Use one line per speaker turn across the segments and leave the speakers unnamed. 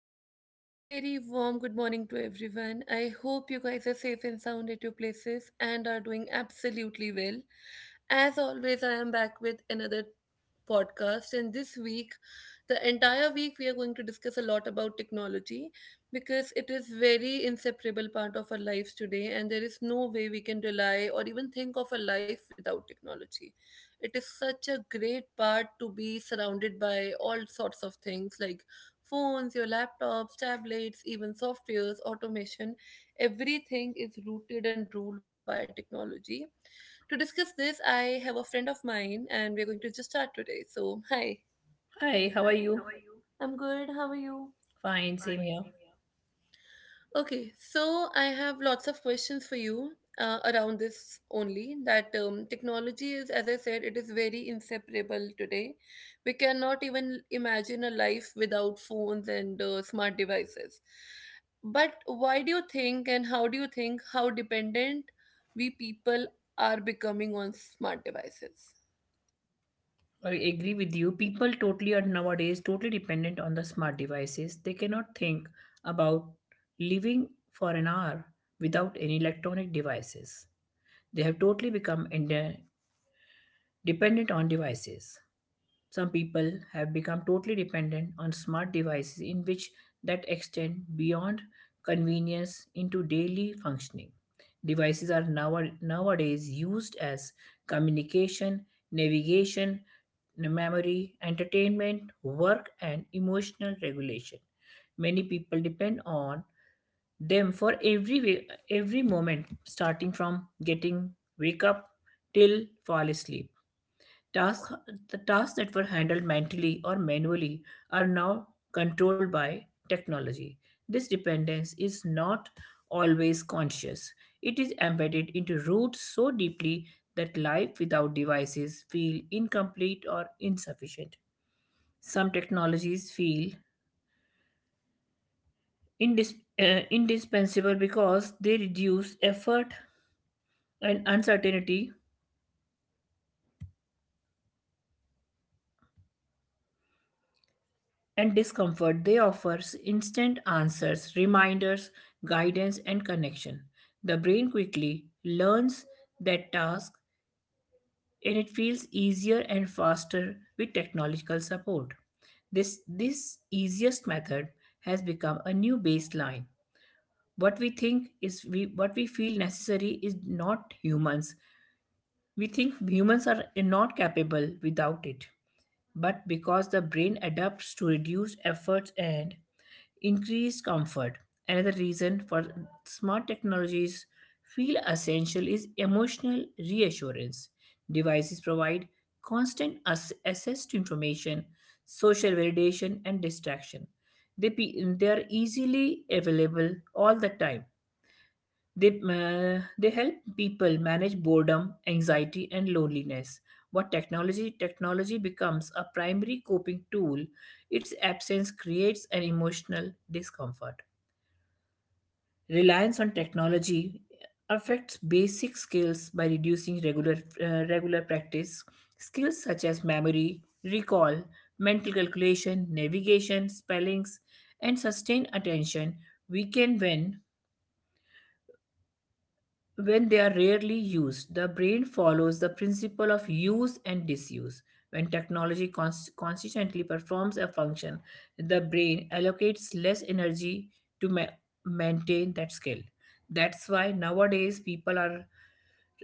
and very, very warm good morning to everyone. I hope you guys are safe and sound at your places and are doing absolutely well. As always, I am back with another podcast. And this week, the entire week, we are going to discuss a lot about technology, because it is very inseparable part of our lives today, and there is no way we can rely or even think of a life without technology. It is such a great part to be surrounded by all sorts of things like phones, your laptops, tablets, even softwares, automation. Everything is rooted and ruled by technology. To discuss this, I have a friend of mine, and we're going to just start today. So, hi.
Hi, how are you?
I'm good. How are you?
Fine, same here.
Okay, so I have lots of questions for you around this only, that technology is, as I said, it is very inseparable today. We cannot even imagine a life without phones and smart devices. But why do you think and how do you think how dependent we people are becoming on smart devices?
I agree with you. People totally are nowadays totally dependent on the smart devices. They cannot think about living for an hour without any electronic devices. They have totally become dependent on devices. Some people have become totally dependent on smart devices in which that extend beyond convenience into daily functioning. Devices are nowadays used as communication, navigation, memory, entertainment, work, and emotional regulation. Many people depend on them for every way, every moment, starting from getting wake up till fall asleep. Tasks, the tasks that were handled mentally or manually are now controlled by technology. This dependence is not always conscious. It is embedded into roots so deeply that life without devices feel incomplete or insufficient. Some technologies feel indispensable because they reduce effort and uncertainty and discomfort. They offer instant answers, reminders, guidance, and connection. The brain quickly learns that task, and it feels easier and faster with technological support. This easiest method has become a new baseline. What we think is what we feel necessary is not humans. We think humans are not capable without it, but because the brain adapts to reduce efforts and increase comfort. Another reason for smart technologies feel essential is emotional reassurance. Devices provide constant access to information, social validation, and distraction. They, they are easily available all the time. They, they help people manage boredom, anxiety, and loneliness. What technology becomes a primary coping tool, its absence creates an emotional discomfort. Reliance on technology affects basic skills by reducing regular practice. Skills such as memory, recall, mental calculation, navigation, spellings, and sustained attention weaken when they are rarely used. The brain follows the principle of use and disuse. When technology consistently performs a function, the brain allocates less energy to maintain that skill. That's why nowadays people are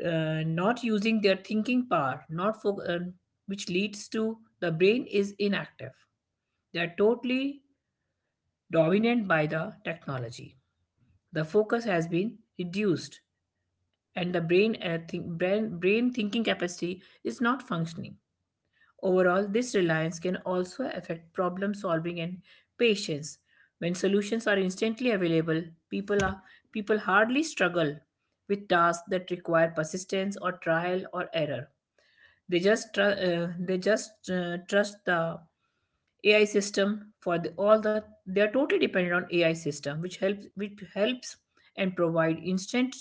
not using their thinking power, not fo- which leads to the brain is inactive. They are totally dominant by the technology. The focus has been reduced, and the brain thinking capacity is not functioning. Overall, this reliance can also affect problem solving and patience. When solutions are instantly available, people, are, people hardly struggle with tasks that require persistence or trial or error. They just trust the AI system for the, they are totally dependent on AI system, which helps and provide instant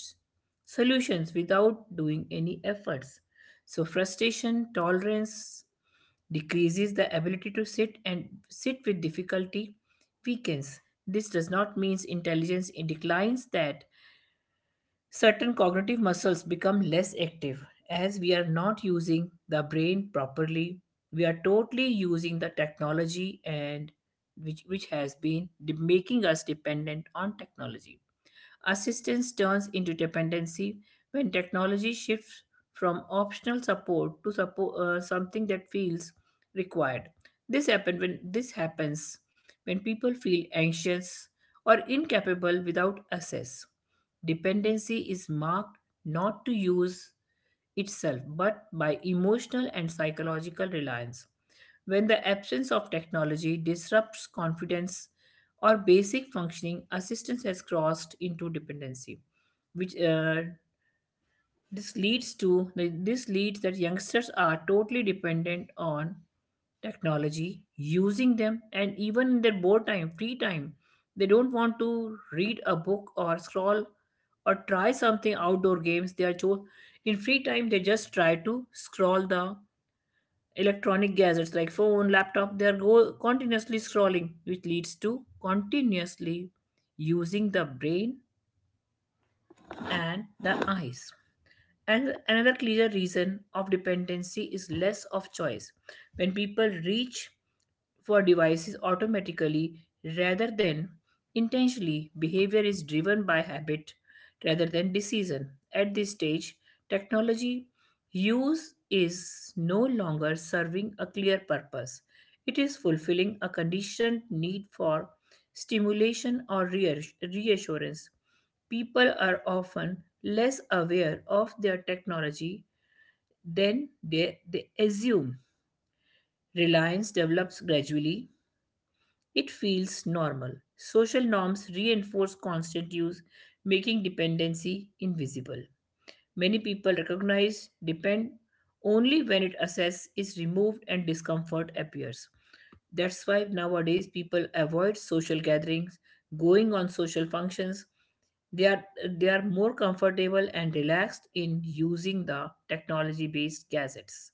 solutions without doing any efforts. So frustration tolerance decreases the ability to sit with difficulty weakens. This does not mean intelligence declines. That Certain cognitive muscles become less active as we are not using the brain properly. We are totally using the technology, and which has making us dependent on technology. Assistance turns into dependency when technology shifts from optional support to something that feels required. This happens when people feel anxious or incapable without access. Dependency is marked not to use itself, but by emotional and psychological reliance. When the absence of technology disrupts confidence or basic functioning, assistance has crossed into dependency, which this leads to this leads that youngsters are totally dependent on technology, using them, and even in their board time, free time, they don't want to read a book or scroll or try something outdoor games. In free time they just try to scroll the electronic gadgets like phone, laptop. They are go continuously scrolling, which leads to continuously using the brain and the eyes. And another clear reason of dependency is less of choice. When people reach for devices automatically rather than intentionally, behavior is driven by habit rather than decision. At this stage, technology use is no longer serving a clear purpose. It is fulfilling a conditioned need for stimulation or reassurance. People are often less aware of their technology than they assume. Reliance develops gradually, it feels normal. Social norms reinforce constant use, making dependency invisible. Many people recognize depend only when it assess is removed and discomfort appears. That's why nowadays people avoid social gatherings, going on social functions. They are more comfortable and relaxed in using the technology-based gadgets.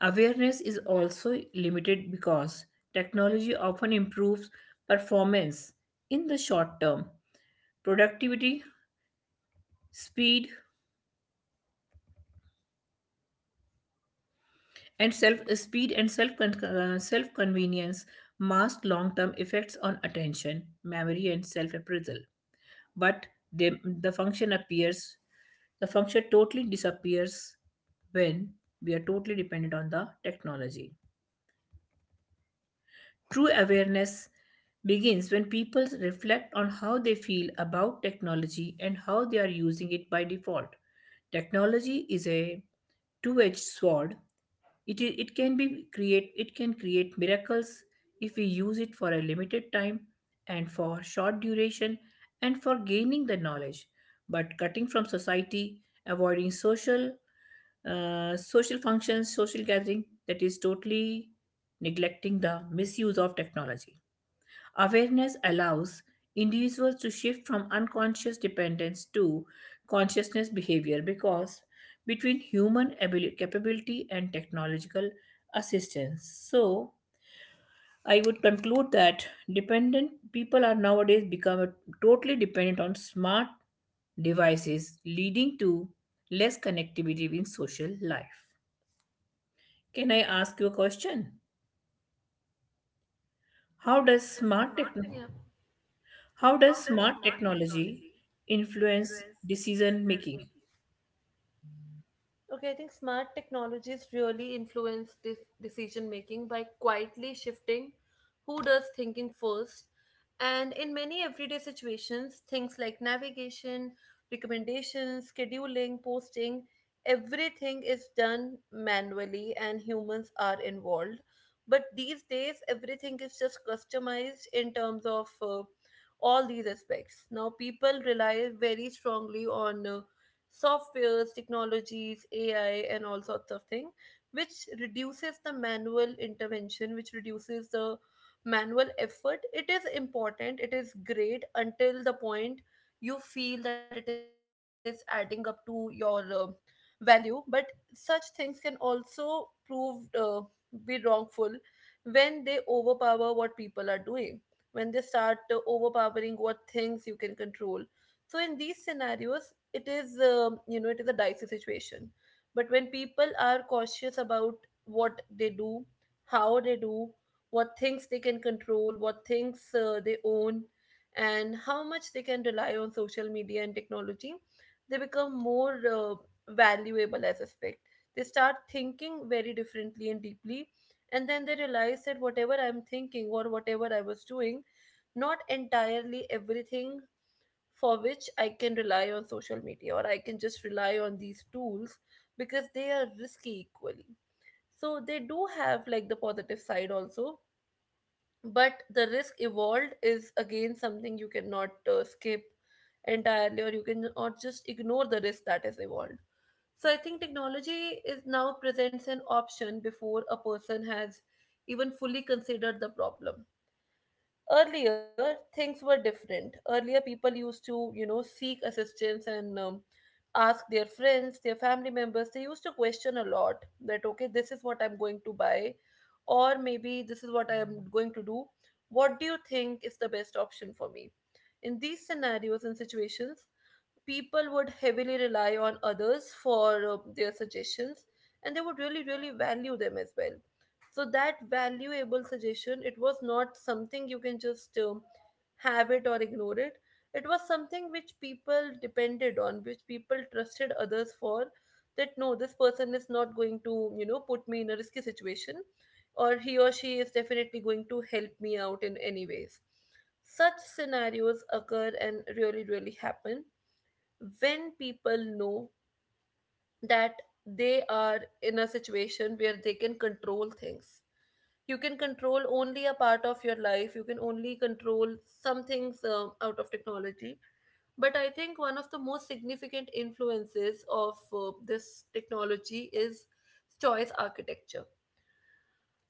Awareness is also limited because technology often improves performance in the short term, productivity, speed, and self convenience mask long term effects on attention, memory, and self appraisal. But they, the function appears the function totally disappears when we are totally dependent on the technology. True awareness begins when people reflect on how they feel about technology and how they are using it by default. Technology is a two-edged sword. It can be create it can create miracles if we use it for a limited time and for short duration and for gaining the knowledge. But cutting from society, avoiding social functions, social gathering, that is totally neglecting the misuse of technology. Awareness allows individuals to shift from unconscious dependence to consciousness behavior because between human capability and technological assistance. So, I would conclude that dependent people are nowadays become totally dependent on smart devices, leading to less connectivity in social life. Can I ask you a question? How does
How does
smart
smart
technology?
technology
How does smart technology influence decision making?
Okay, I think smart technologies really influence decision making by quietly shifting who does thinking first. And in many everyday situations, things like navigation, recommendations, scheduling, posting, everything is done manually and humans are involved. But these days, everything is just customized in terms of all these aspects. Now, people rely very strongly on softwares, technologies, AI, and all sorts of things, which reduces the manual intervention, which reduces the manual effort. It is important, it is great until the point you feel that it is adding up to your value. But such things can also prove, be wrongful when they overpower what people are doing, when they start overpowering what things you can control. So in these scenarios, it is, a dicey situation. But when people are cautious about what they do, how they do, what things they can control, what things they own, and how much they can rely on social media and technology, they become more valuable, I suspect. They start thinking very differently and deeply, and then they realize that whatever I'm thinking or whatever I was doing, not entirely everything for which I can rely on social media or I can just rely on these tools, because they are risky equally. So they do have like the positive side also, but the risk evolved is again something you cannot skip entirely, or you cannot just ignore the risk that is evolved. So I think technology is now presents an option before a person has even fully considered the problem. Earlier things were different. Earlier, people used to, seek assistance, and ask their friends, their family members. They used to question a lot that okay, this is what I'm going to buy, or maybe this is what I am going to do. What do you think is the best option for me? In these scenarios and situations, people would heavily rely on others for their suggestions, and they would really really value them as well. So that valuable suggestion, it was not something you can just have it or ignore it. It was something which people depended on, which people trusted others for, that no, this person is not going to, put me in a risky situation, or he or she is definitely going to help me out in any ways. Such scenarios occur and really really happen when people know that they are in a situation where they can control things. You can control only a part of your life. You can only control some things out of technology. But I think one of the most significant influences of this technology is choice architecture.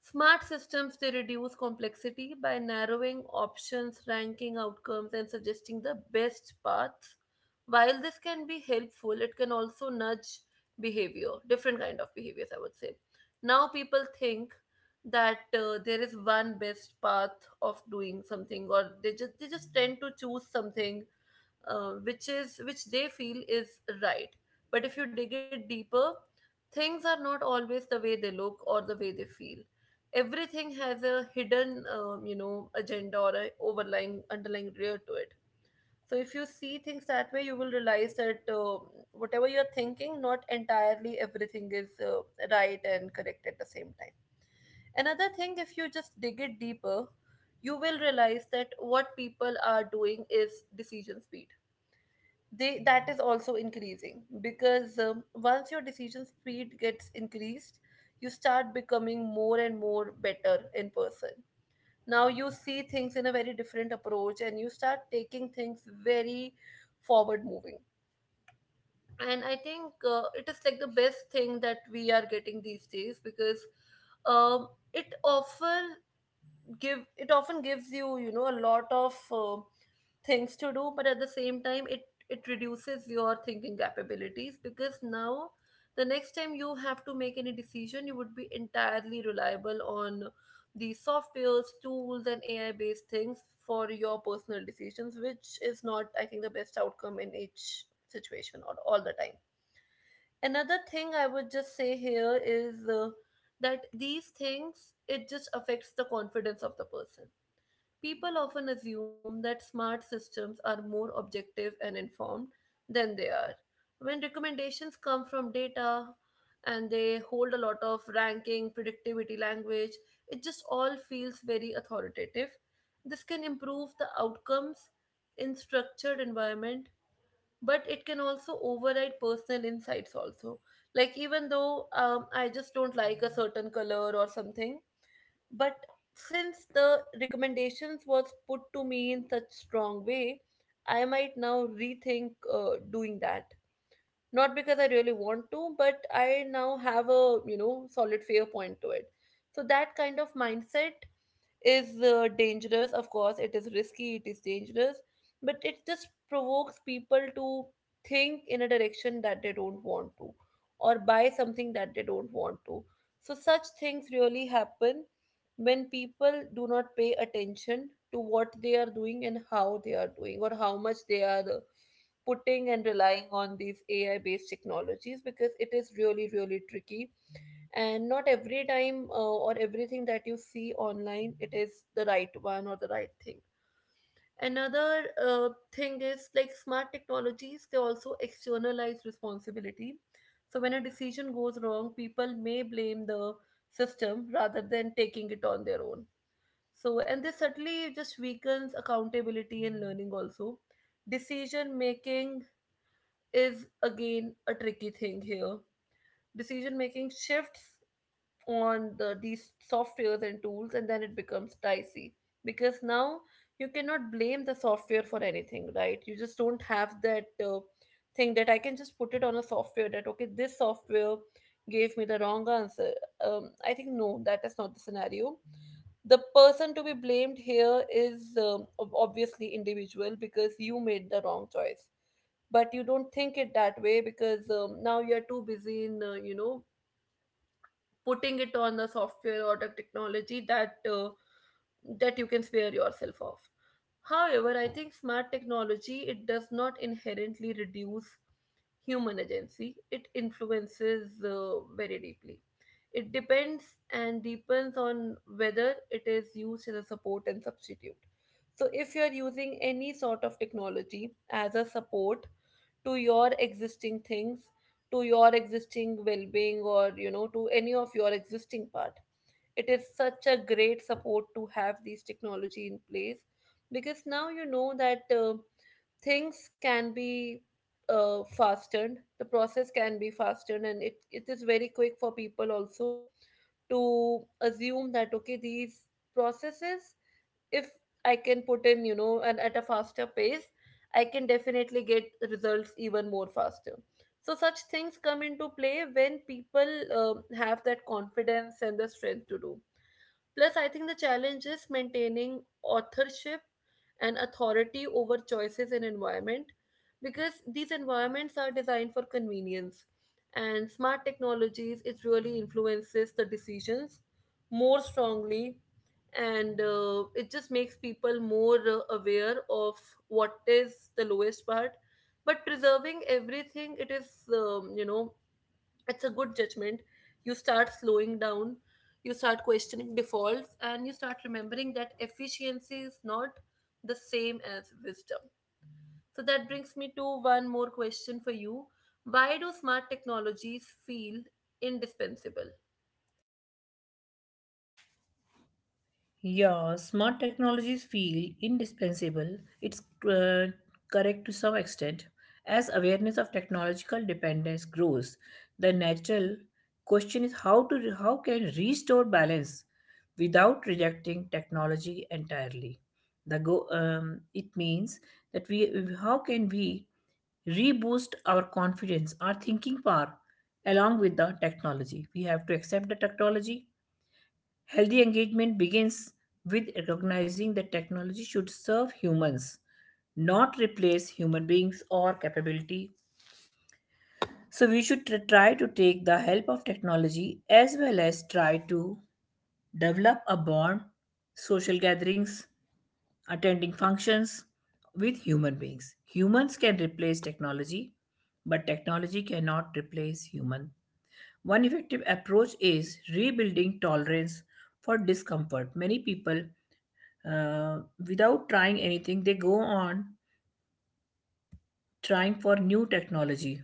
Smart systems, they reduce complexity by narrowing options, ranking outcomes, and suggesting the best paths. While this can be helpful, it can also nudge behavior, different kind of behaviors, I would say. Now people think that there is one best path of doing something, or they just tend to choose something which they feel is right. But if you dig it deeper, things are not always the way they look or the way they feel. Everything has a hidden, agenda, or a overlying underlying rear to it. So if you see things that way, you will realize that whatever you are thinking, not entirely everything is right and correct at the same time. Another thing, if you just dig it deeper, you will realize that what people are doing is decision speed. They that is also increasing because once your decision speed gets increased, you start becoming more and more better in person. Now you see things in a very different approach, and you start taking things very forward moving. And I think it is like the best thing that we are getting these days, because um, it offers give it often gives you, you know a lot of things to do. But at the same time, it reduces your thinking capabilities, because now the next time you have to make any decision, you would be entirely reliable on these softwares, tools, and AI based things for your personal decisions, which is not, I think, the best outcome in each situation or all the time. Another thing I would just say here is, that these things, it just affects the confidence of the person. People often assume that smart systems are more objective and informed than they are. When recommendations come from data and they hold a lot of ranking, predictivity language, it just all feels very authoritative. This can improve the outcomes in structured environment, but it can also override personal insights also. Like even though, I just don't like a certain color or something, but since the recommendations was put to me in such strong way, I might now rethink doing that, not because I really want to, but I now have a, solid fair point to it. So that kind of mindset is, dangerous. Of course, it is risky, it is dangerous, but it just provokes people to think in a direction that they don't want to, or buy something that they don't want to. So, such things really happen when people do not pay attention to what they are doing and how they are doing, or how much they are putting and relying on these AI based technologies, because it is really, really tricky. And not every time, or everything that you see online, it is the right one or the right thing. Another thing is like smart technologies, they also externalize responsibility. So when a decision goes wrong, people may blame the system rather than taking it on their own. And this certainly just weakens accountability and learning also. Decision making is again a tricky thing here. Decision making shifts on these softwares and tools, and then it becomes dicey, because now you cannot blame the software for anything, right? You just don't have that thing, that I can just put it on a software that okay, this software gave me the wrong answer. I think no, that is not the scenario. The person to be blamed here is obviously individual, because you made the wrong choice. But you don't think it that way because now you're too busy in putting it on the software or the technology that you can spare yourself of. However, I think smart technology, it does not inherently reduce human agency. It influences very deeply. It depends and depends on whether it is used as a support and substitute. So, if you are using any sort of technology as a support to your existing things, to your existing well being, or to any of your existing part, it is such a great support to have these technology in place, because now you know that. Things can be fastened, the process can be fastened, and it is very quick for people also to assume that okay, these processes, if I can put in, and at a faster pace, I can definitely get results even more faster. So such things come into play when people have that confidence and the strength to do. Plus, I think the challenge is maintaining authorship and authority over choices and environment, because these environments are designed for convenience, and smart technologies, it really influences the decisions more strongly. And it just makes people more aware of what is the lowest part, but preserving everything, it is it's a good judgment. You start slowing down, you start questioning defaults, and you start remembering that efficiency is not the same as wisdom. So that brings me to one more question for you: why do smart technologies feel indispensable?
Yeah, smart technologies feel indispensable. It's uh, correct to some extent. As awareness of technological dependence grows, the natural question is how can restore balance without rejecting technology entirely. The go It means that we how can we reboost our confidence, our thinking power along with the technology. We have to accept the technology. Healthy engagement begins with recognizing that technology should serve humans, not replace human beings or capability. So, we should try to take the help of technology as well as try to develop a bond, social gatherings, attending functions with human beings. Humans can replace technology, but technology cannot replace human. One effective approach is rebuilding tolerance for discomfort. Many people uh, without trying anything they go on trying for new technology.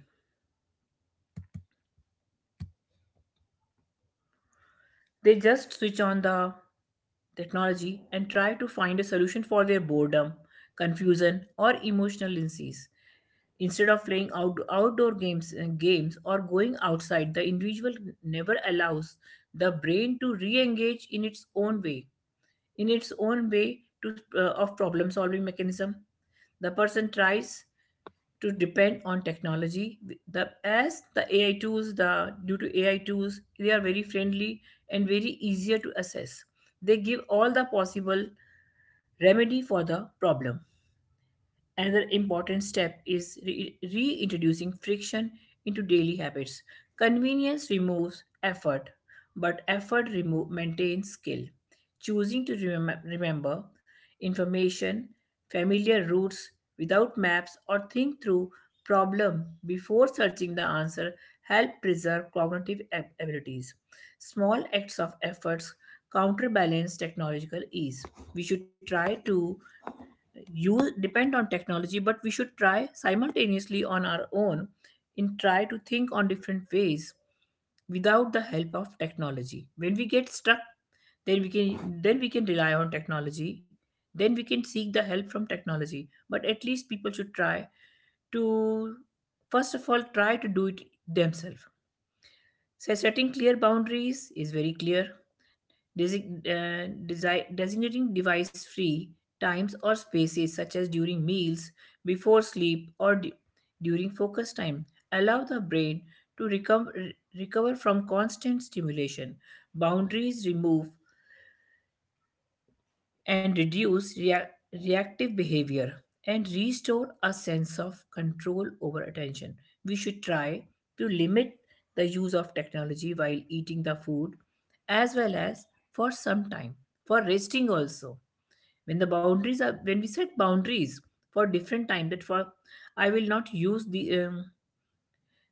They just switch on the technology and try to find a solution for their boredom, confusion, or emotional illnesses instead of playing outdoor games or going outside. The individual never allows the brain to re-engage in its own way to, of problem solving mechanism. The person tries to depend on technology. The as the ai tools the Due to AI tools, they are very friendly and very easier to assess. They give all the possible remedy for the problem. Another important step is reintroducing friction into daily habits. Convenience removes effort, but maintains skill. Choosing to remember information, familiar routes without maps, or think through problem before searching the answer help preserve cognitive abilities. Small acts of efforts counterbalance technological ease. We should try to you depend on technology, but we should try simultaneously on our own and try to think on different ways without the help of technology. When we get stuck, then we can rely on technology, then we can seek the help from technology, but at least people should try to first of all try to do it themselves. So setting clear boundaries is very clear. Designating device free times or spaces such as during meals, before sleep, or during focus time allow the brain to recover from constant stimulation. Boundaries remove and reduce reactive behavior and restore a sense of control over attention. We should try to limit the use of technology while eating the food, as well as for some time for resting also. When we set boundaries for different time, that for i will not use the um,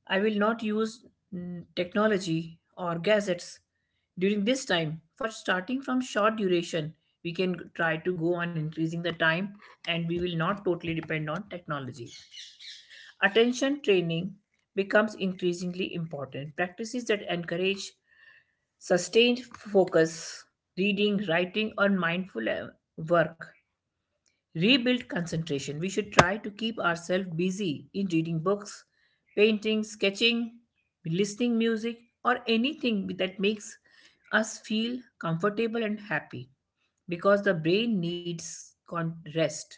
I will not use technology or gadgets during this time. For starting from short duration, we can try to go on increasing the time, and we will not totally depend on technology. Attention training becomes increasingly important. Practices that encourage sustained focus, reading, writing, or mindful work rebuild concentration. We should try to keep ourselves busy in reading books, painting, sketching, listening music, or anything that makes us feel comfortable and happy, because the brain needs rest.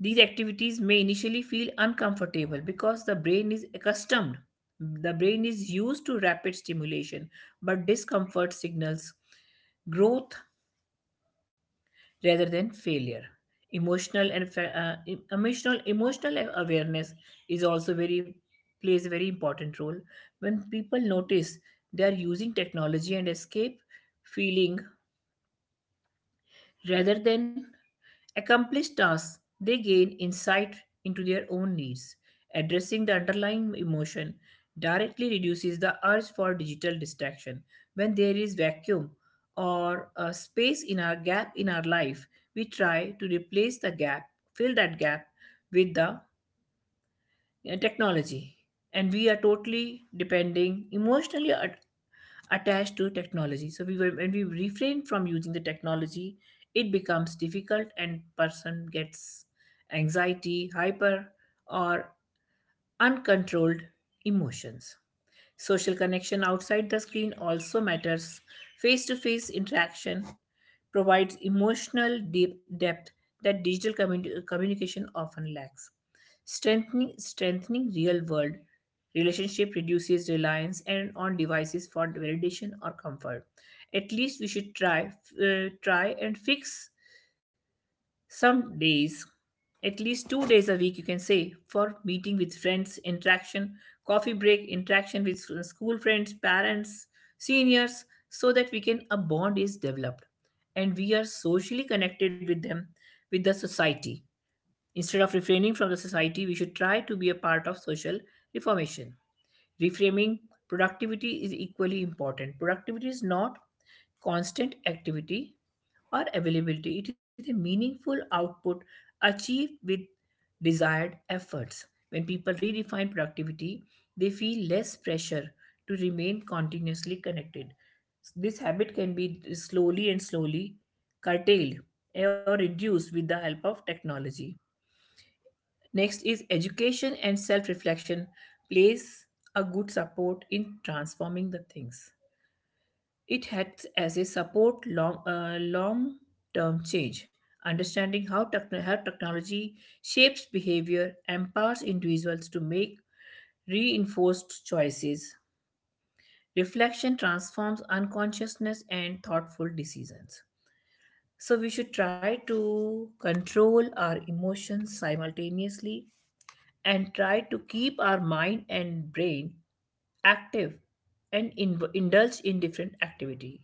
These activities may initially feel uncomfortable because the brain is accustomed. The brain is used to rapid stimulation, but discomfort signals growth rather than failure. Emotional and fa- em- emotional Emotional awareness is also very plays a very important role. When people notice they are using technology and escape feeling rather than accomplish tasks, they gain insight into their own needs. Addressing the underlying emotion directly reduces the urge for digital distraction. When there is vacuum or a space in our gap in our life, we try to replace the gap, fill that gap with the technology and we are totally depending emotionally at, attached to technology so we were, when we refrain from using the technology it becomes difficult and person gets anxiety hyper or uncontrolled emotions. Social connection outside the screen also matters. Face to face interaction provides emotional deep depth that digital communication often lacks. Strengthening real world relationship reduces reliance and on devices for validation or comfort. At least we should try and fix some days, at least 2 days a week, you can say, for meeting with friends, interaction, coffee break, interaction with school friends, parents, seniors, so that we can a bond is developed and we are socially connected with them, with the society. Instead of refraining from the society, we should try to be a part of social reformation, reframing. Productivity is equally important. Productivity is not constant activity or availability, it is a meaningful output achieved with desired efforts. When people redefine productivity they feel less pressure to remain continuously connected. This habit can be slowly and slowly curtailed or reduced with the help of technology. Next is education and self reflection plays a good support in transforming the things. It acts as a support long term change. Understanding how technology shapes behavior empowers individuals to make reinforced choices. Reflection transforms unconsciousness and thoughtful decisions. So, we should try to control our emotions simultaneously and try to keep our mind and brain active and indulge in different activity.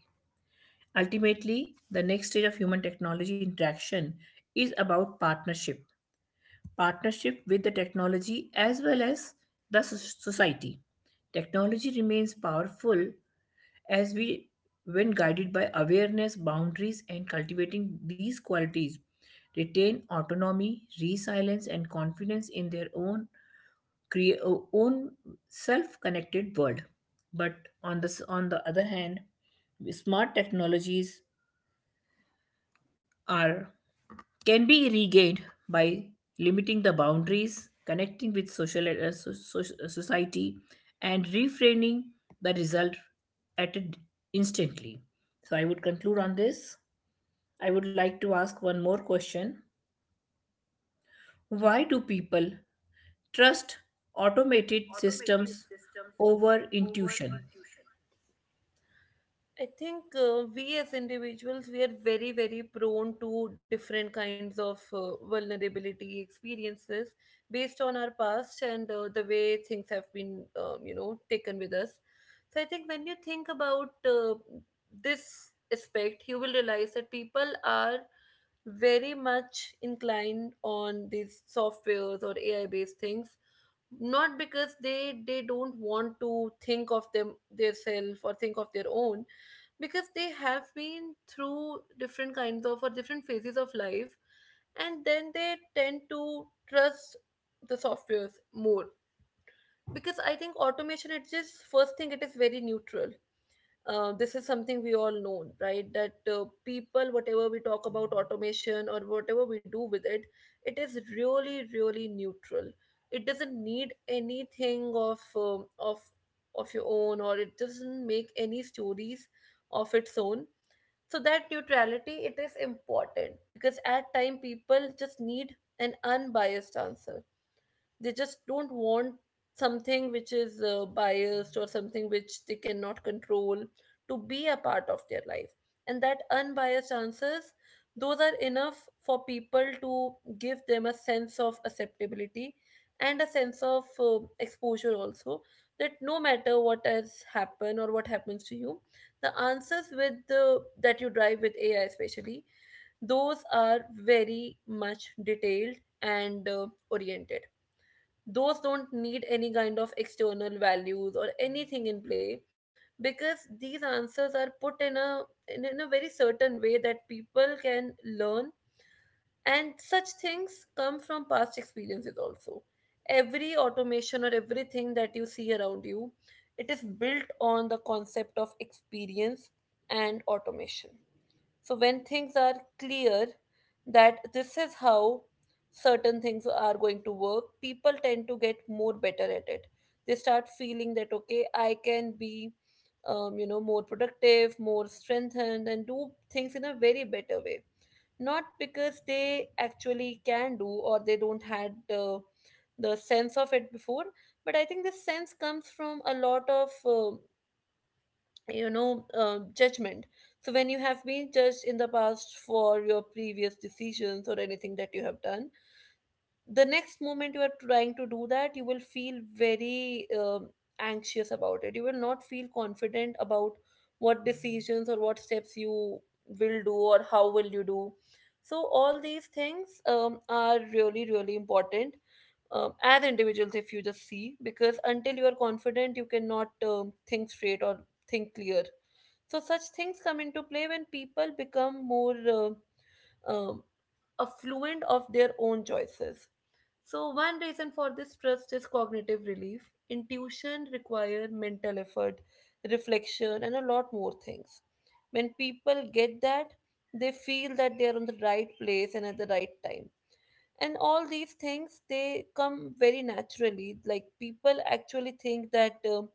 Ultimately the next stage of human technology interaction is about partnership, partnership with the technology as well as the society. Technology remains powerful as we, when guided by awareness boundaries and cultivating these qualities, retain autonomy resilience and confidence in their own create own self-connected world. But on the other hand, smart technologies are can be regained by limiting the boundaries, connecting with social society, and reframing the result at it instantly. So I would conclude on this. I would like to ask one more question. Why do people trust automated systems over intuition?
I think we as individuals, we are very very prone to different kinds of vulnerability experiences based on our past and the way things have been taken with us. So I think when you think about this aspect, you will realize that people are very much inclined on these softwares or AI based things, not because they don't want to think of them, their, or think of their own, because they have been through different kinds of, or different phases of life, and then they tend to trust the softwares more. Because I think automation, it just, first thing, it is very neutral. This is something we all know, right, that people, whatever we talk about automation or whatever we do with it, it is really really neutral. It doesn't need anything of of your own, or it doesn't make any stories of its own. So that neutrality, it is important because at time people just need an unbiased answer. They just don't want something which is biased, or something which they cannot control, to be a part of their life. And that unbiased answers, those are enough for people to give them a sense of acceptability and a sense of exposure also. That no matter what has happened or what happens to you, the answers with the that you drive with AI especially, those are very much detailed and oriented. Those don't need any kind of external values or anything in play, because these answers are put in a, in a very certain way that people can learn. And such things come from past experiences also. Every automation or everything that you see around you, it is built on the concept of experience and automation. So when things are clear that this is how certain things are going to work, people tend to get more better at it. They start feeling that okay, I can be, more productive, more strengthened, and do things in a very better way. Not because they actually can do, or they don't had the sense of it before, but I think this sense comes from a lot of. Judgment. So when you have been judged in the past for your previous decisions or anything that you have done, the next moment you are trying to do that, you will feel very anxious about it. You will not feel confident about what decisions or what steps you will do, or how will you do. So all these things, are really really important. As individuals, if you just see, because until you are confident, you cannot think straight or think clear. So such things come into play when people become more um affluent of their own choices. So one reason for this trust is cognitive relief. Intuition requires mental effort, reflection, and a lot more things. When people get that, they feel that they are on the right place and at the right time, and all these things they come very naturally. Like people actually think that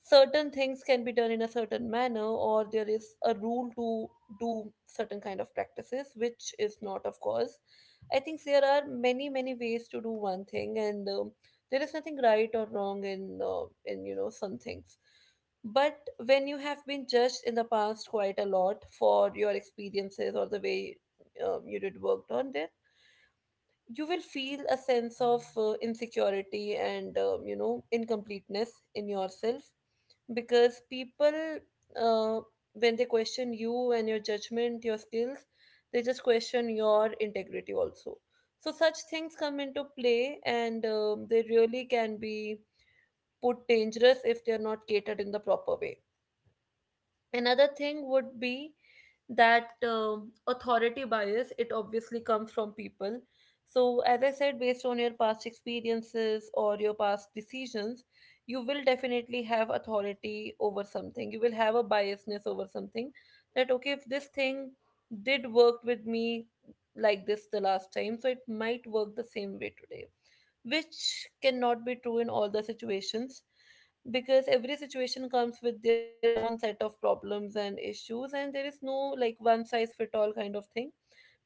certain things can be done in a certain manner, or there is a rule to do certain kind of practices, which is not, of course. I think there are many many ways to do one thing, and there is nothing right or wrong in, some things. But when you have been judged in the past quite a lot for your experiences or the way you did worked on there, you will feel a sense of insecurity and incompleteness in yourself. Because people uh, when they question you and your judgment, your skills, they just question your integrity also. So such things come into play, and they really can be put dangerous if they are not catered in the proper way. Another thing would be that authority bias, it obviously comes from people. So as I said, based on your past experiences or your past decisions, you will definitely have authority over something, you will have a biasness over something. That okay, if this thing did work with me like this the last time, so it might work the same way today, which cannot be true in all the situations. Because every situation comes with their own set of problems and issues, and there is no like one size fit all kind of thing,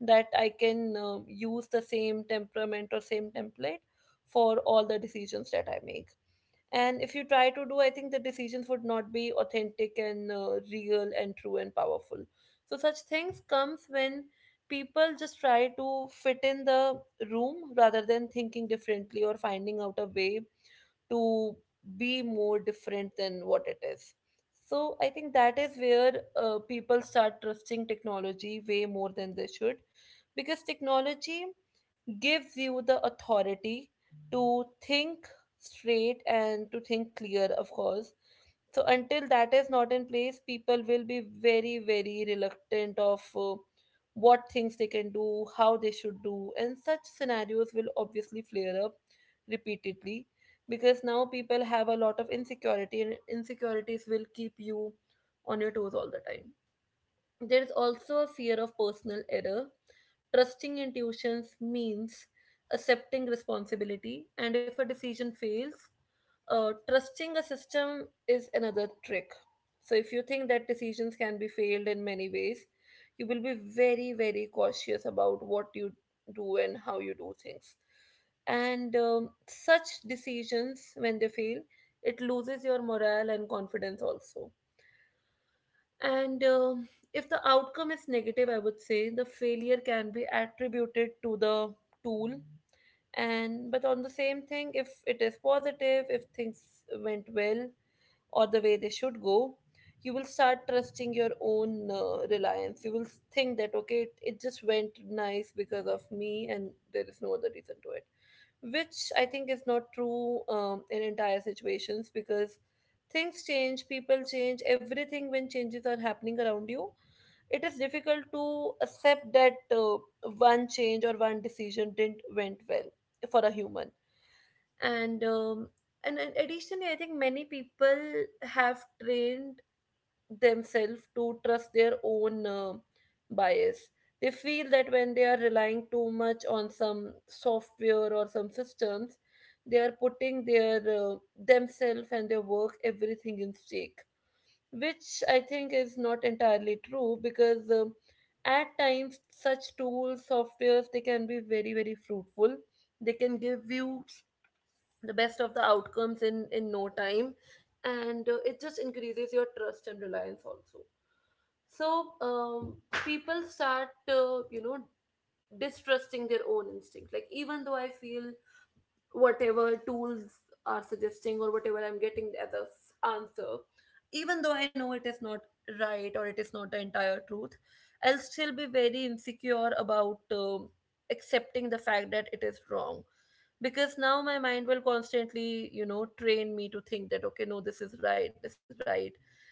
that I can use the same temperament or same template for all the decisions that I make. And if you try to do, I think the decisions would not be authentic and real and true and powerful. So such things comes when people just try to fit in the room, rather than thinking differently or finding out a way to be more different than what it is. So I think that is where people start trusting technology way more than they should, because technology gives you the authority to think straight and to think clear, of course. So until that is not in place, people will be very very reluctant of what things they can do, how they should do, and such scenarios will obviously flare up repeatedly. Because now people have a lot of insecurity, and insecurities will keep you on your toes all the time. There is also a fear of personal error. Trusting intuitions means accepting responsibility, and if a decision fails, trusting a system is another trick. So if you think that decisions can be failed in many ways, you will be very, very cautious about what you do and how you do things. And such decisions, when they fail, it loses your morale and confidence also. And if the outcome is negative, I would say the failure can be attributed to the tool. And but on the same thing, if it is positive, if things went well or the way they should go, you will start trusting your own reliance. You will think that okay, it just went nice because of me, and there is no other reason to it, which I think is not true in entire situations. Because things change, people change, everything, when changes are happening around you, it is difficult to accept that one change or one decision didn't went well for a human. And additionally, I think many people have trained themselves to trust their own bias. They feel that when they are relying too much on some software or some systems, they are putting their themselves and their work everything in stake, which I think is not entirely true. Because at times such tools, softwares, they can be very very fruitful. They can give you the best of the outcomes in no time, and it just increases your trust and reliance also. So people start to distrusting their own instinct. Like even though I feel whatever tools are suggesting, or whatever I'm getting as a answer, even though I know it is not right, or it is not the entire truth, I'll still be very insecure about accepting the fact that it is wrong. Because now my mind will constantly, train me to think that okay, no, this is right, this is right,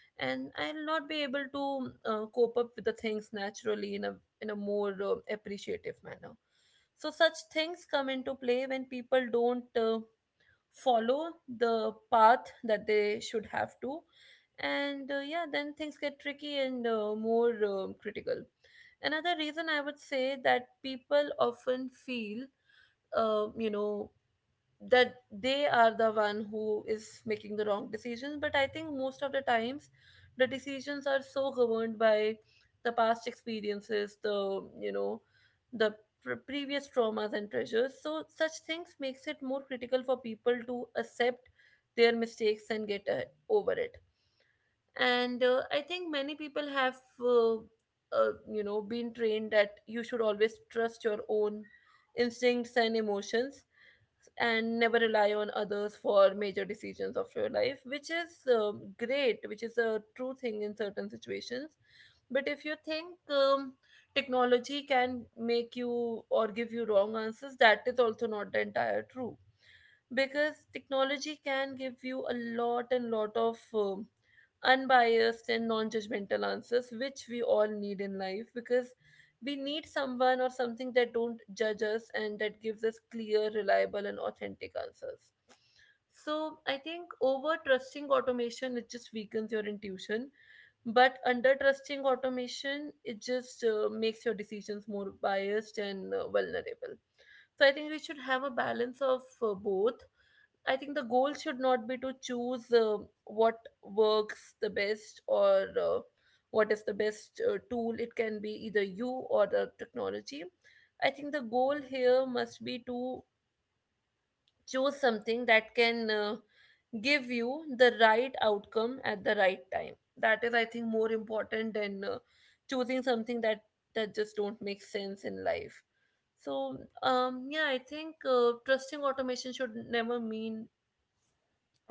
and I'll not be able to cope up with the things naturally in a, in a more appreciative manner. So such things come into play when people don't follow the path that they should have to. And yeah, then things get tricky and more critical. Another reason I would say that people often feel uh, you know that they are the one who is making the wrong decisions. But I think most of the times, the decisions are so governed by the past experiences, the, the previous traumas and treasures. So such things makes it more critical for people to accept their mistakes and get over it. And I think many people have uh, been trained that you should always trust your own instincts and emotions, and never rely on others for major decisions of your life, which is great, which is a true thing in certain situations. But if you think technology can make you or give you wrong answers, that is also not the entire true because technology can give you a lot and lot of unbiased and non-judgmental answers which we all need in life because we need someone or something that don't judge us and that gives us clear reliable and authentic answers. So I think over trusting automation it just weakens your intuition, but under trusting automation it just makes your decisions more biased and vulnerable. So I think we should have a balance of both. I think the goal should not be to choose what works the best, or what is the best tool. It can be either you or the technology. I think the goal here must be to choose something that can give you the right outcome at the right time. That is, I think, more important than choosing something that just don't make sense in life. So, I think trusting automation should never mean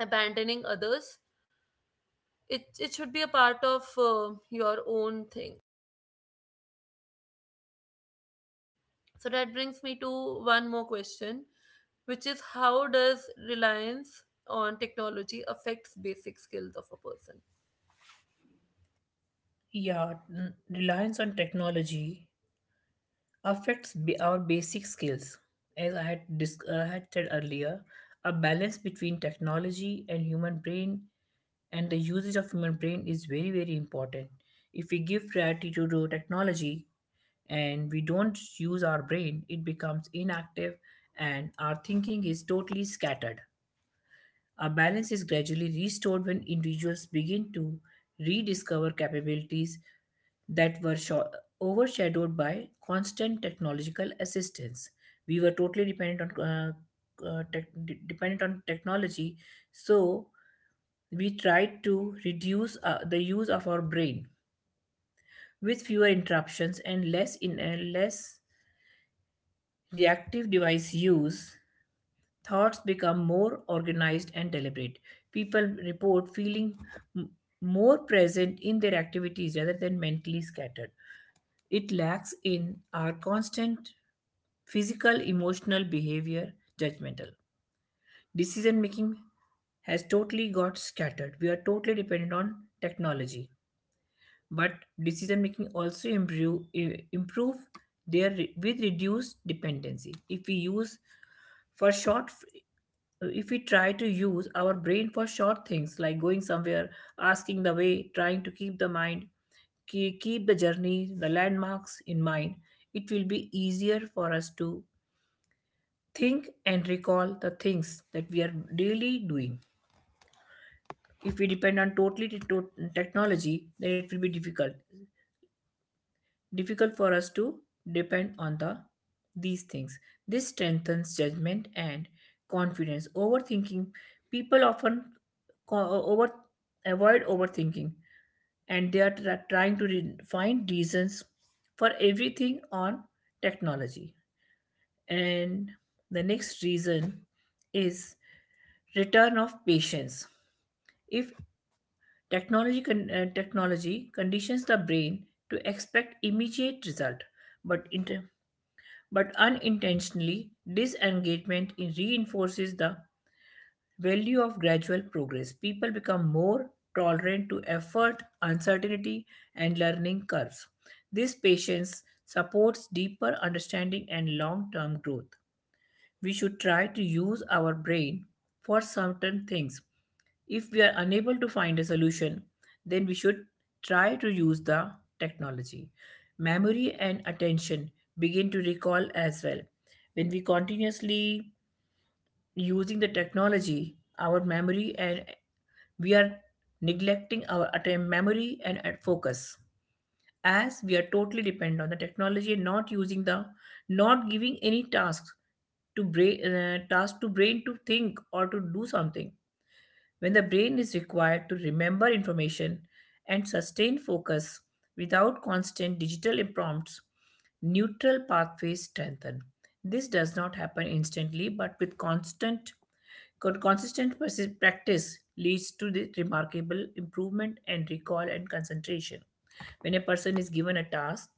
abandoning others. It should be a part of your own thing. So that brings me to one more question, which is how does reliance on technology affects basic skills of a person?
Yeah, reliance on technology affects our basic skills. As I had said earlier, a balance between technology and human brain and the usage of human brain is very, very important. If we give priority to the technology and we don't use our brain, it becomes inactive and our thinking is totally scattered. A balance is gradually restored when individuals begin to rediscover capabilities that were overshadowed by constant technological assistance. We were totally dependent dependent on technology, so we tried to reduce the use of our brain with fewer interruptions and less reactive device use. Thoughts become more organized and deliberate. People report feeling m- more present in their activities rather than mentally scattered. It lacks in our constant physical, emotional behavior, judgmental. Decision making has totally got scattered. We are totally dependent on technology. But decision making also improve their with reduced dependency. If we use for short, if we try to use our brain for short things like going somewhere, asking the way, trying to keep the mind, keep the journey, the landmarks in mind, it will be easier for us to think and recall the things that we are daily doing. If we depend on totally technology, then it will be difficult. Difficult for us to depend on the these things. This strengthens judgment and confidence. Overthinking, people often co- over avoid overthinking and they are trying to find reasons for everything on technology. And the next reason is return of patience. If technology conditions the brain to expect immediate result, but but unintentionally, this engagement reinforces the value of gradual progress. People become more tolerant to effort, uncertainty, and learning curves. This patience supports deeper understanding and long term growth. We should try to use our brain for certain things. If we are unable to find a solution, then we should try to use the technology. Memory and attention begin to recall as well. When we continuously using the technology, our memory and we are neglecting our attempt memory and at focus, as we are totally dependent on the technology and not using the, not giving any tasks to brain task to brain to think or to do something. When the brain is required to remember information and sustain focus without constant digital prompts, neutral pathways strengthen. This does not happen instantly but with constant consistent practice, leads to the remarkable improvement in recall and concentration. When a person is given a task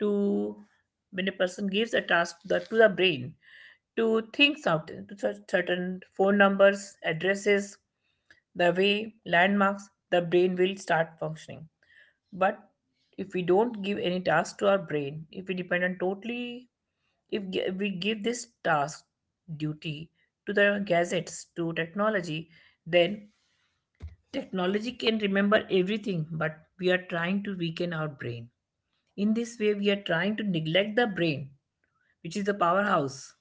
to, when a person gives a task to to the brain to think certain certain phone numbers, addresses, the way, landmarks, the brain will start functioning. But if we don't give any task to our brain, if we depend on totally, if we give this task, duty, to the gadgets, to technology, then technology can remember everything but we are trying to weaken our brain. In this way, we are trying to neglect the brain, which is the powerhouse,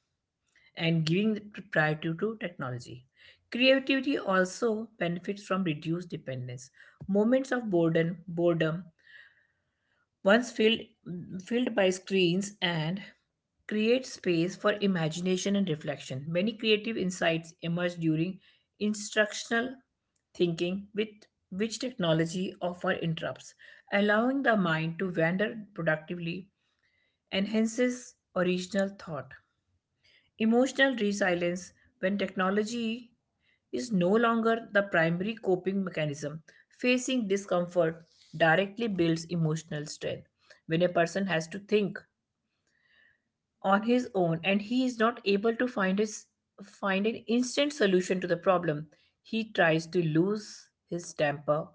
and giving the priority to technology. Creativity also benefits from reduced dependence. Moments of boredom once filled by screens and create space for imagination and reflection. Many creative insights emerge during instructional thinking with which technology often interrupts, allowing the mind to wander productively enhances original thought. Emotional resilience when technology is no longer the primary coping mechanism. Facing discomfort directly builds emotional strength. When a person has to think on his own and he is not able to find his find an instant solution to the problem, he tries to lose his temper.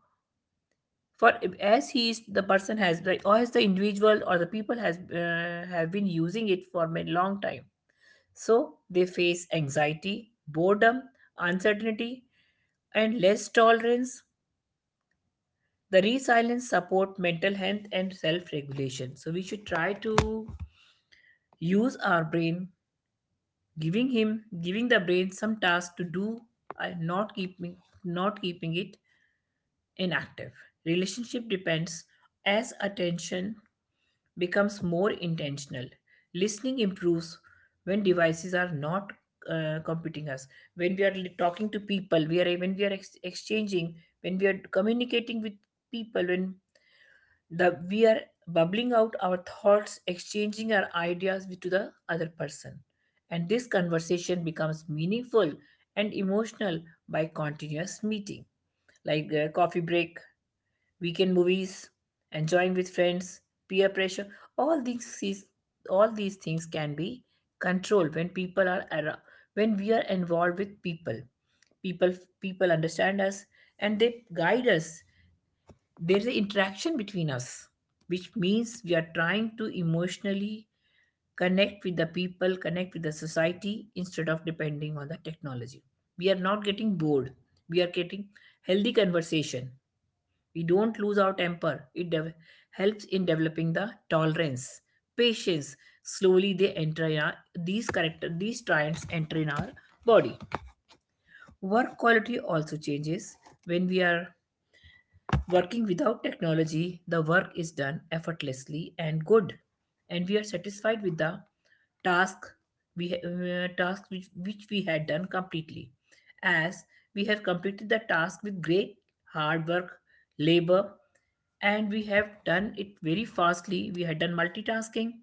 For as he is the person has or as the individual or the people has have been using it for a long time. So they face anxiety, boredom, uncertainty, and less tolerance. The resilience support mental health and self-regulation. So we should try to use our brain, giving the brain some task to do, and not keeping it inactive. Relationship depends as attention becomes more intentional. Listening improves when devices are not competing us. When we are talking to people, we are when we are exchanging, when we are communicating with people, when the we are bubbling out our thoughts, exchanging our ideas with to the other person, and this conversation becomes meaningful and emotional by continuous meeting, like coffee break, weekend movies, enjoying with friends, peer pressure, all these is, all these things can be controlled when people are around, when we are involved with people. People people understand us and they guide us. There's an interaction between us, which means we are trying to emotionally connect with the people, connect with the society instead of depending on the technology. We are not getting bored. We are getting healthy conversation, we don't lose our temper. It helps in developing the tolerance, patience. Slowly they enter in our, these character these traits enter in our body. Work quality also changes when we are working without technology, the work is done effortlessly and good, and we are satisfied with the task we task which we had done completely, as we have completed the task with great hard work, labor, and we have done it very fastly. We had done multitasking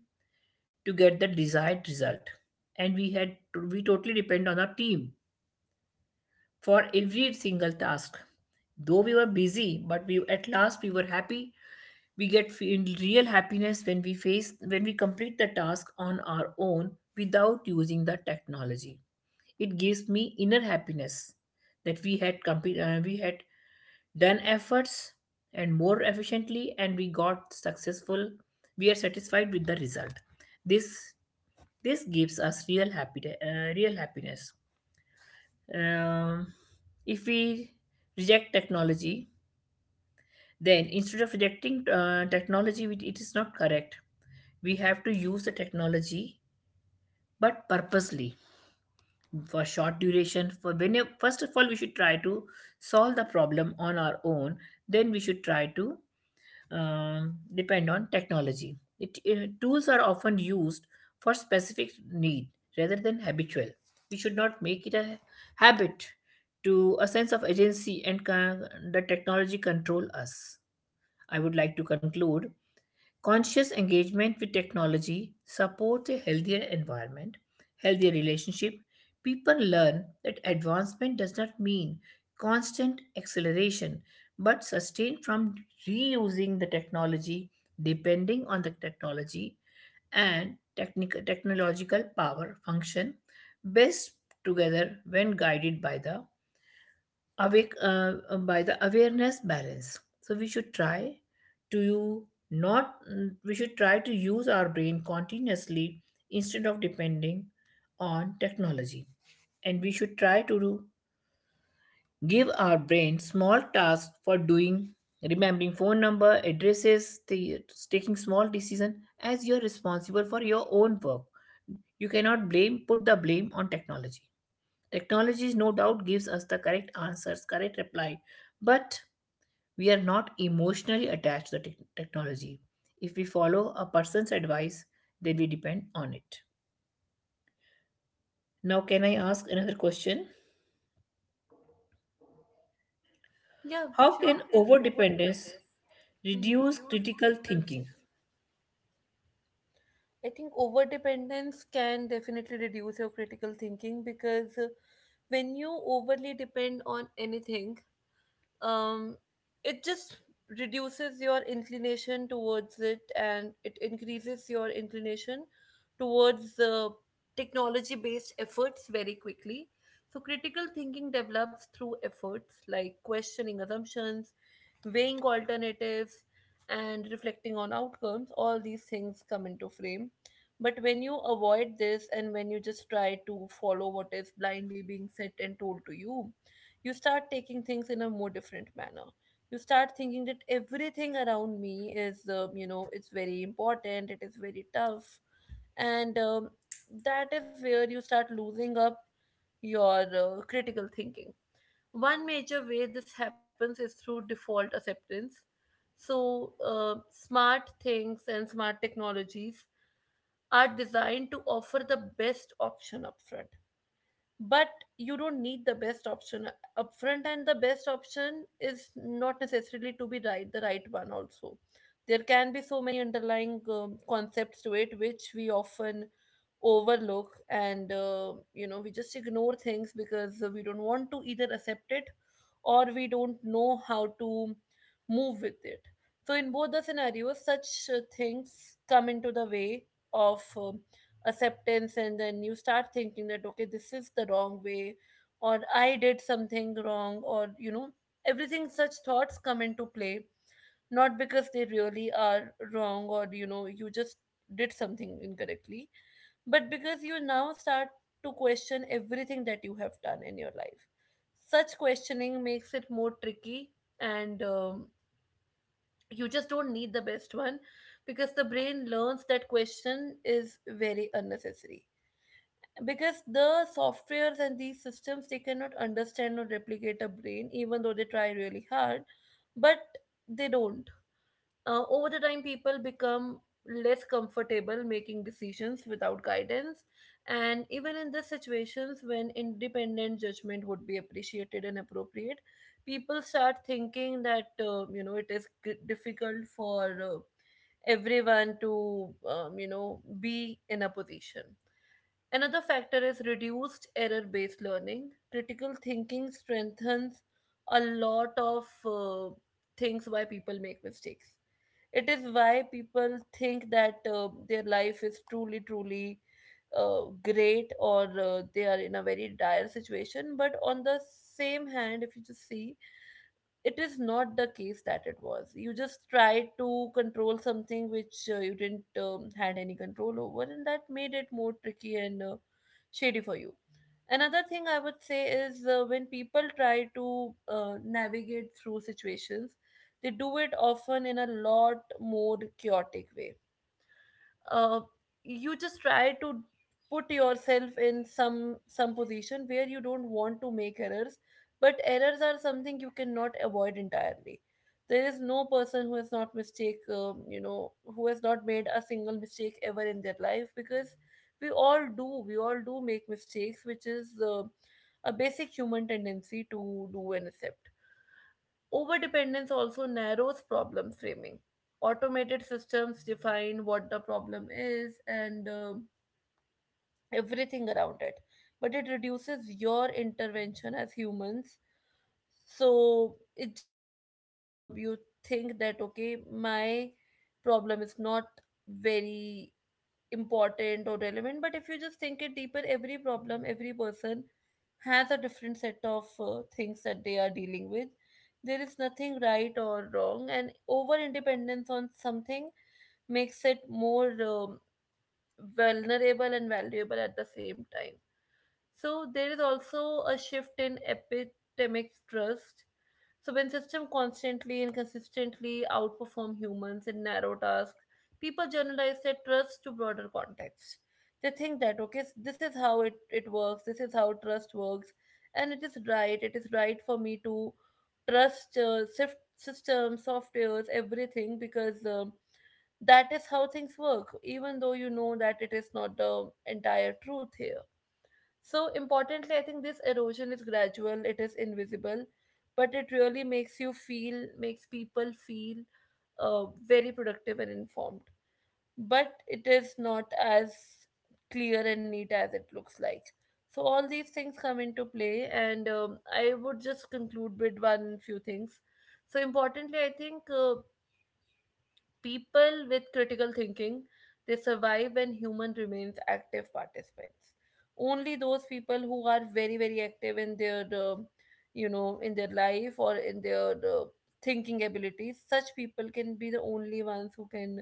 to get the desired result, and we had we totally depend on our team for every single task. Though we were busy, but we at last we were happy, we get feel real happiness when we face when we complete the task on our own without using the technology. It gives me inner happiness that we had we had done efforts and more efficiently and we got successful. We are satisfied with the result. This this gives us real happiness. Um, if we reject technology, then, instead of rejecting technology, which it is not correct, we have to use the technology but purposely for short duration for when first of all we should try to solve the problem on our own, then we should try to depend on technology. Tools are often used for specific need rather than habitual. We should not make it a habit to a sense of agency and the technology control us. I would like to conclude. Conscious engagement with technology supports a healthier environment, healthier relationship. People learn that advancement does not mean constant acceleration, but sustained from reusing the technology, depending on the technology and technological power function best together when guided by the awake by the awareness balance. So we should try to not mm, we should try to use our brain continuously instead of depending on technology, and we should try to do- give our brain small tasks for doing, remembering phone number addresses, taking small decision as you're responsible for your own work. You cannot blame put the blame on technology. Technology no doubt gives us the correct answers, correct reply, but we are not emotionally attached to the technology. If we follow a person's advice, then we depend on it. Now, can I ask another question?
Yeah,
How
sure.
can overdependence reduce
Hmm.
critical thinking?
I think over dependence can definitely reduce your critical thinking because when you overly depend on anything, um, it just reduces your inclination towards it and it increases your inclination towards the technology based efforts very quickly. So critical thinking develops through efforts like questioning assumptions, weighing alternatives, and reflecting on outcomes. All these things come into frame. But when you avoid this and when you just try to follow what is blindly being said and told to you, you start taking things in a more different manner. You start thinking that everything around me is uh, it's very important, it is very tough. And that is where you start losing up your critical thinking. One major way this happens is through default acceptance. So, smart things and smart technologies are designed to offer the best option upfront, but you don't need the best option upfront, and the best option is not necessarily to be right, the right one also. There can be so many underlying concepts to it which we often overlook, and uh, we just ignore things because we don't want to either accept it or we don't know how to move with it. So in both the scenarios such things come into the way of acceptance, and then you start thinking that okay, this is the wrong way, or I did something wrong, or everything, such thoughts come into play, not because they really are wrong or you just did something incorrectly, but because you now start to question everything that you have done in your life. Such questioning makes it more tricky, and you just don't need the best one, because the brain learns that question is very unnecessary, because the softwares and these systems, they cannot understand or replicate a brain even though they try really hard, but they don't. Over the time people become less comfortable making decisions without guidance, and even in the situations when independent judgment would be appreciated and appropriate, people start thinking that uh, it is g- difficult for everyone to um, be in a position. Another factor is reduced error based learning. Critical thinking strengthens a lot of things why people make mistakes. It is why people think that their life is truly, truly great, or they are in a very dire situation. But on the same hand, if you just see, it is not the case that it was. You just tried to control something which you didn't had any control over, and that made it more tricky and shady for you. Another thing I would say is when people try to navigate through situations, they do it often in a lot more chaotic way. uh, you just try to put yourself in some position where you don't want to make errors, but errors are something you cannot avoid entirely. There is no person who has not mistake, um, who has not made a single mistake ever in their life, because we all do, we all do make mistakes, which is a basic human tendency to do and accept. Overdependence also narrows problem framing. Automated systems define what the problem is and everything around it, but it reduces your intervention as humans. So it just makes you think that okay, my problem is not very important or relevant. But if you just think it deeper, every problem, every person has a different set of things that they are dealing with. There is nothing right or wrong, and over independence on something makes it more vulnerable and valuable at the same time. So there is also a shift in epistemic trust. So when systems constantly and consistently outperform humans in narrow tasks, people generalize their trust to broader context. They think that okay, this is how it works, this is how trust works, and it is right for me to trust systems, softwares, everything, because that is how things work, even though you know that it is not the entire truth here. So, importantly, I think this erosion is gradual, it is invisible, but it really makes you feel, makes people feel very productive and informed. But it is not as clear and neat as it looks like. So, all these things come into play, and I would just conclude with one few things. So, importantly, I think people with critical thinking, they survive when human remains active participants. Only those people who are very, very active in their, uh, in their life or in their thinking abilities, such people can be the only ones who can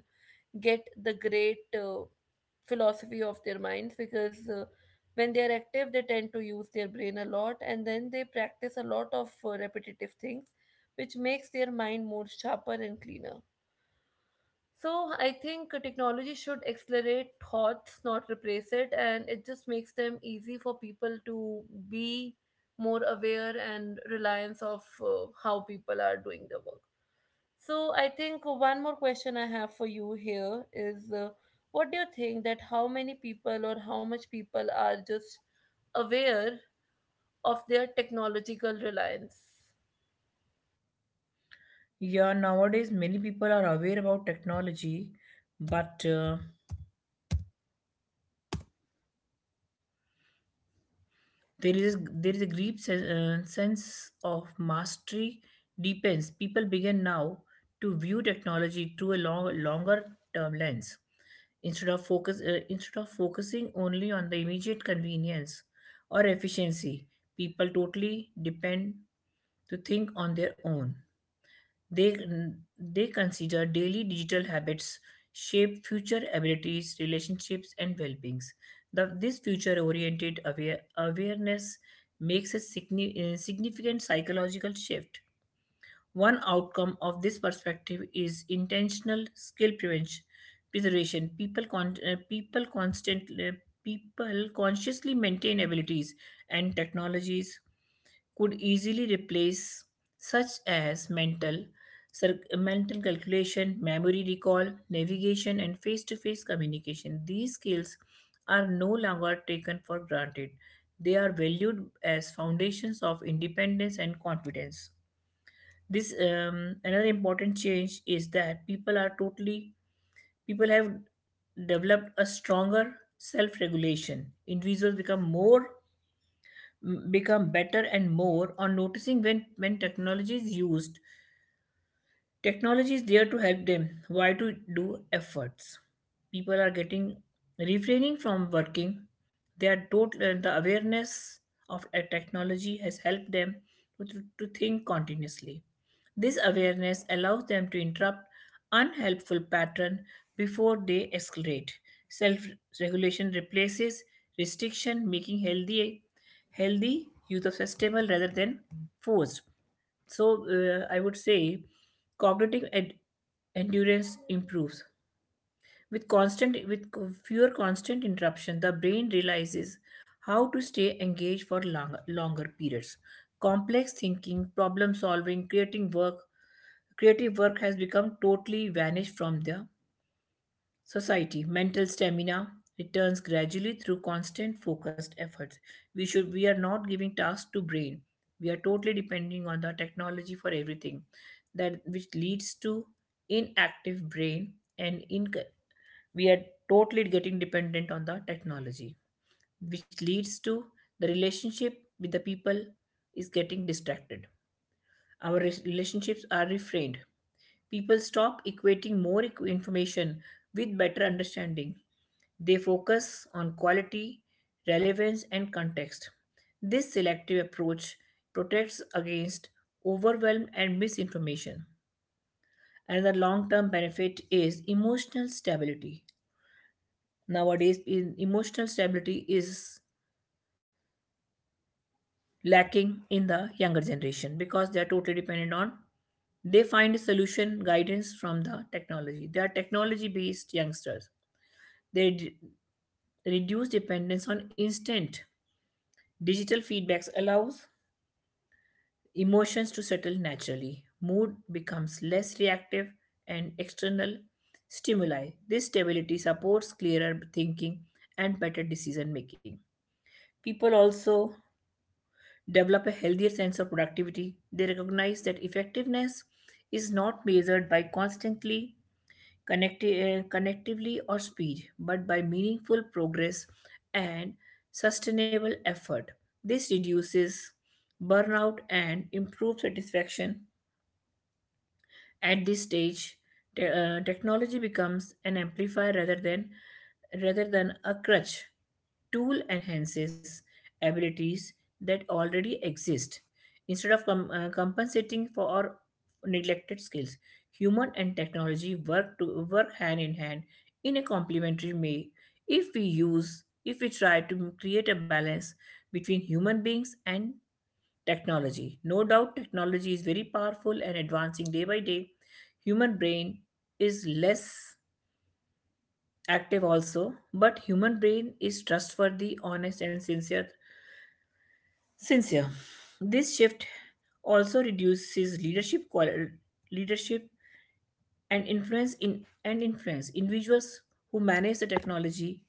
get the great philosophy of their minds, because when they are active, they tend to use their brain a lot and then they practice a lot of repetitive things, which makes their mind more sharper and cleaner. So I think technology should accelerate thoughts, not replace it, and it just makes them easy for people to be more aware and reliance of how people are doing their work. So I think one more question I have for you here is, what do you think that how many people or how much people are just aware of their technological reliance?
Yeah, nowadays many people are aware about technology, but there is a sense of mastery depends. People begin now to view technology through a longer term lens instead of focus instead of focusing only on the immediate convenience or efficiency. People totally depend to think on their own. They, they consider daily digital habits shape future abilities, relationships, and well beings. This future oriented awareness makes a significant psychological shift. One outcome of this perspective is intentional preservation. People consciously maintain abilities and technologies could easily replace, such as mental mental calculation, memory recall, navigation, and face to face communication. These skills are no longer taken for granted, they are valued as foundations of independence and confidence. This Another important change is that people are totally people have developed a stronger self-regulation. Individuals become better and more on noticing when technology is used. Technology is there to help them. Why to do efforts? People are getting, refraining from working. The awareness of a technology has helped them to think continuously. This awareness allows them to interrupt unhelpful pattern before they escalate. Self-regulation replaces restriction, making healthy use of sustainable rather than forced. So I would say cognitive endurance improves with fewer constant interruption. The brain realizes how to stay engaged for longer periods. Complex thinking, problem solving, creative work has become totally vanished from the society. Mental stamina returns gradually through constant focused efforts. We are not giving tasks to brain. We are totally depending on the technology for everything. That which leads to inactive brain, and in we are totally getting dependent on the technology, which leads to the relationship with the people is getting distracted. Our relationships are reframed. People stop equating information with better understanding. They focus on quality, relevance, and context. This selective approach protects against overwhelm and misinformation. Another long term benefit is emotional stability. Nowadays, emotional stability is lacking in the younger generation because they are totally dependent on, they find a solution guidance from the technology. They are technology based youngsters. they d- Reduce dependence on instant digital feedbacks allows emotions to settle naturally. Mood becomes less reactive and external stimuli. This stability supports clearer thinking and better decision making. People also develop a healthier sense of productivity. They recognize that effectiveness is not measured by constantly connectively or speed, but by meaningful progress and sustainable effort. This reduces burnout and improves satisfaction. At this stage, technology becomes an amplifier rather than a crutch. Tool enhances abilities that already exist instead of compensating for our neglected skills. Human and technology work hand in hand in a complementary way. If we try to create a balance between human beings and technology, no doubt technology is very powerful and advancing day by day. Human brain is less active also, but human brain is trustworthy, honest, and sincere. This shift also reduces leadership and influence in and influence individuals who manage the technology,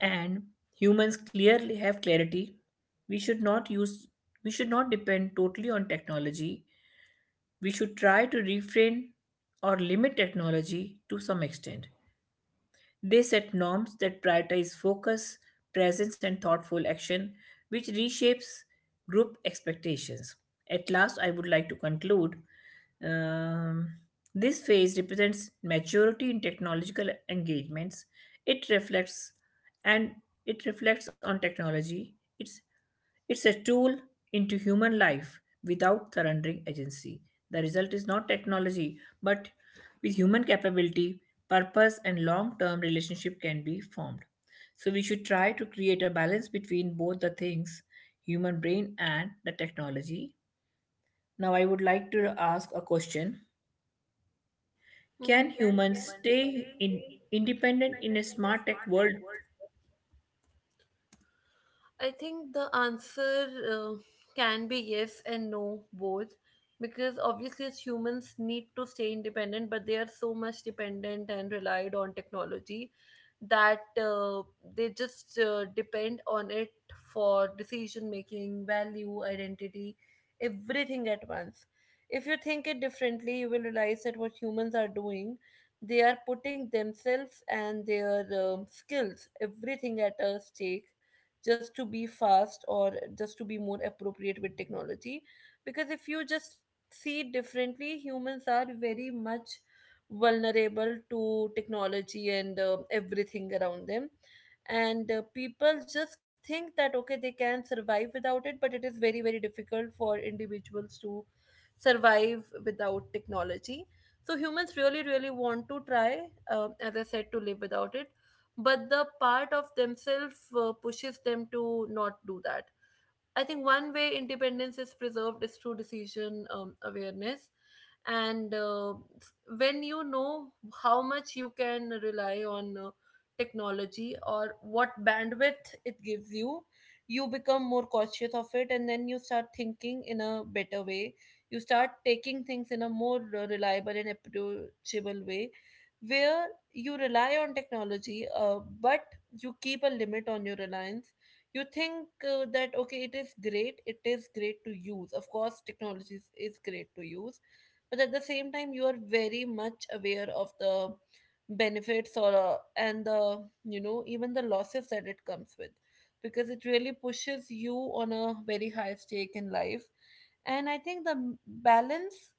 and humans clearly have clarity. we should not use we should not depend totally on technology. We should try to refrain or limit technology to some extent. They set norms that prioritize focus, presence, and thoughtful action, which reshapes group expectations. At last, I would like to conclude. um, this phase represents maturity in technological engagements. It reflects and it reflects on technology. It's a tool into human life without surrendering agency. The result is not technology, but with human capability, purpose, and long term relationship can be formed. So, we should try to create a balance between both the things, human brain and the technology. Now, I would like to ask a question. Can
Hmm.
humans independent in a smart tech world?
I think the answer can be yes and no, both. Because obviously, as humans need to stay independent, but they are so much dependent and relied on technology that they just depend on it for decision making, value, identity, everything at once. If you think it differently, you will realize that what humans are doing, they are putting themselves and their skills, everything at a stake just to be fast, or just to be more appropriate with technology. Because if you just see it differently, humans are very much vulnerable to technology and everything around them. And people just think that okay, they can survive without it, but it is very, very difficult for individuals to survive without technology. So humans really, really want to try, as I said, to live without it, but the part of themselves pushes them to not do that. I think one way independence is preserved is through decision awareness. And s- when you know how much you can rely on technology or what bandwidth it gives you, you become more cautious of it, and then you start thinking in a better way. You start taking things in a more reliable and approachable way, where you rely on technology, but you keep a limit on your reliance. You think that okay, it is great, it is great to use, of course technology is great to use, but at the same time you are very much aware of the benefits or and the even the losses that it comes with, because it really pushes you on a very high stake in life. And I think the balance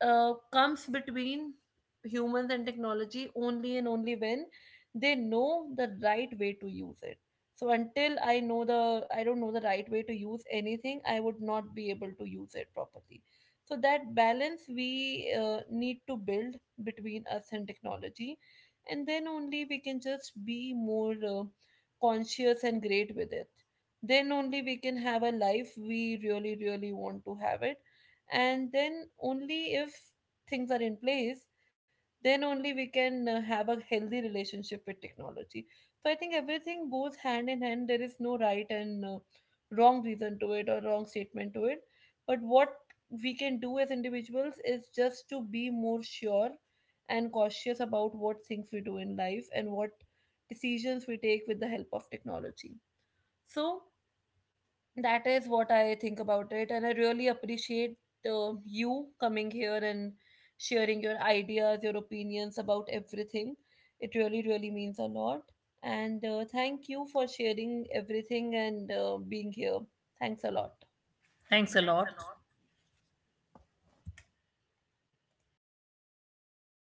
comes between humans and technology only and only when they know the right way to use it. So until I know the I don't know the right way to use anything, I would not be able to use it properly. So that balance we need to build between us and technology, and then only we can just be more conscious and great with it. Then only we can have a life we really really want to have it. And then only if things are in place, then only we can have a healthy relationship with technology. So I think everything goes hand in hand. There is no right and wrong reason to it or wrong statement to it. But what we can do as individuals is just to be more sure and cautious about what things we do in life and what decisions we take with the help of technology. So that is what I think about it, and I really appreciate you coming here and sharing your ideas, your opinions about everything. It really, really means a lot. And thank you for sharing everything and being here. Thanks a lot.
Thanks a lot.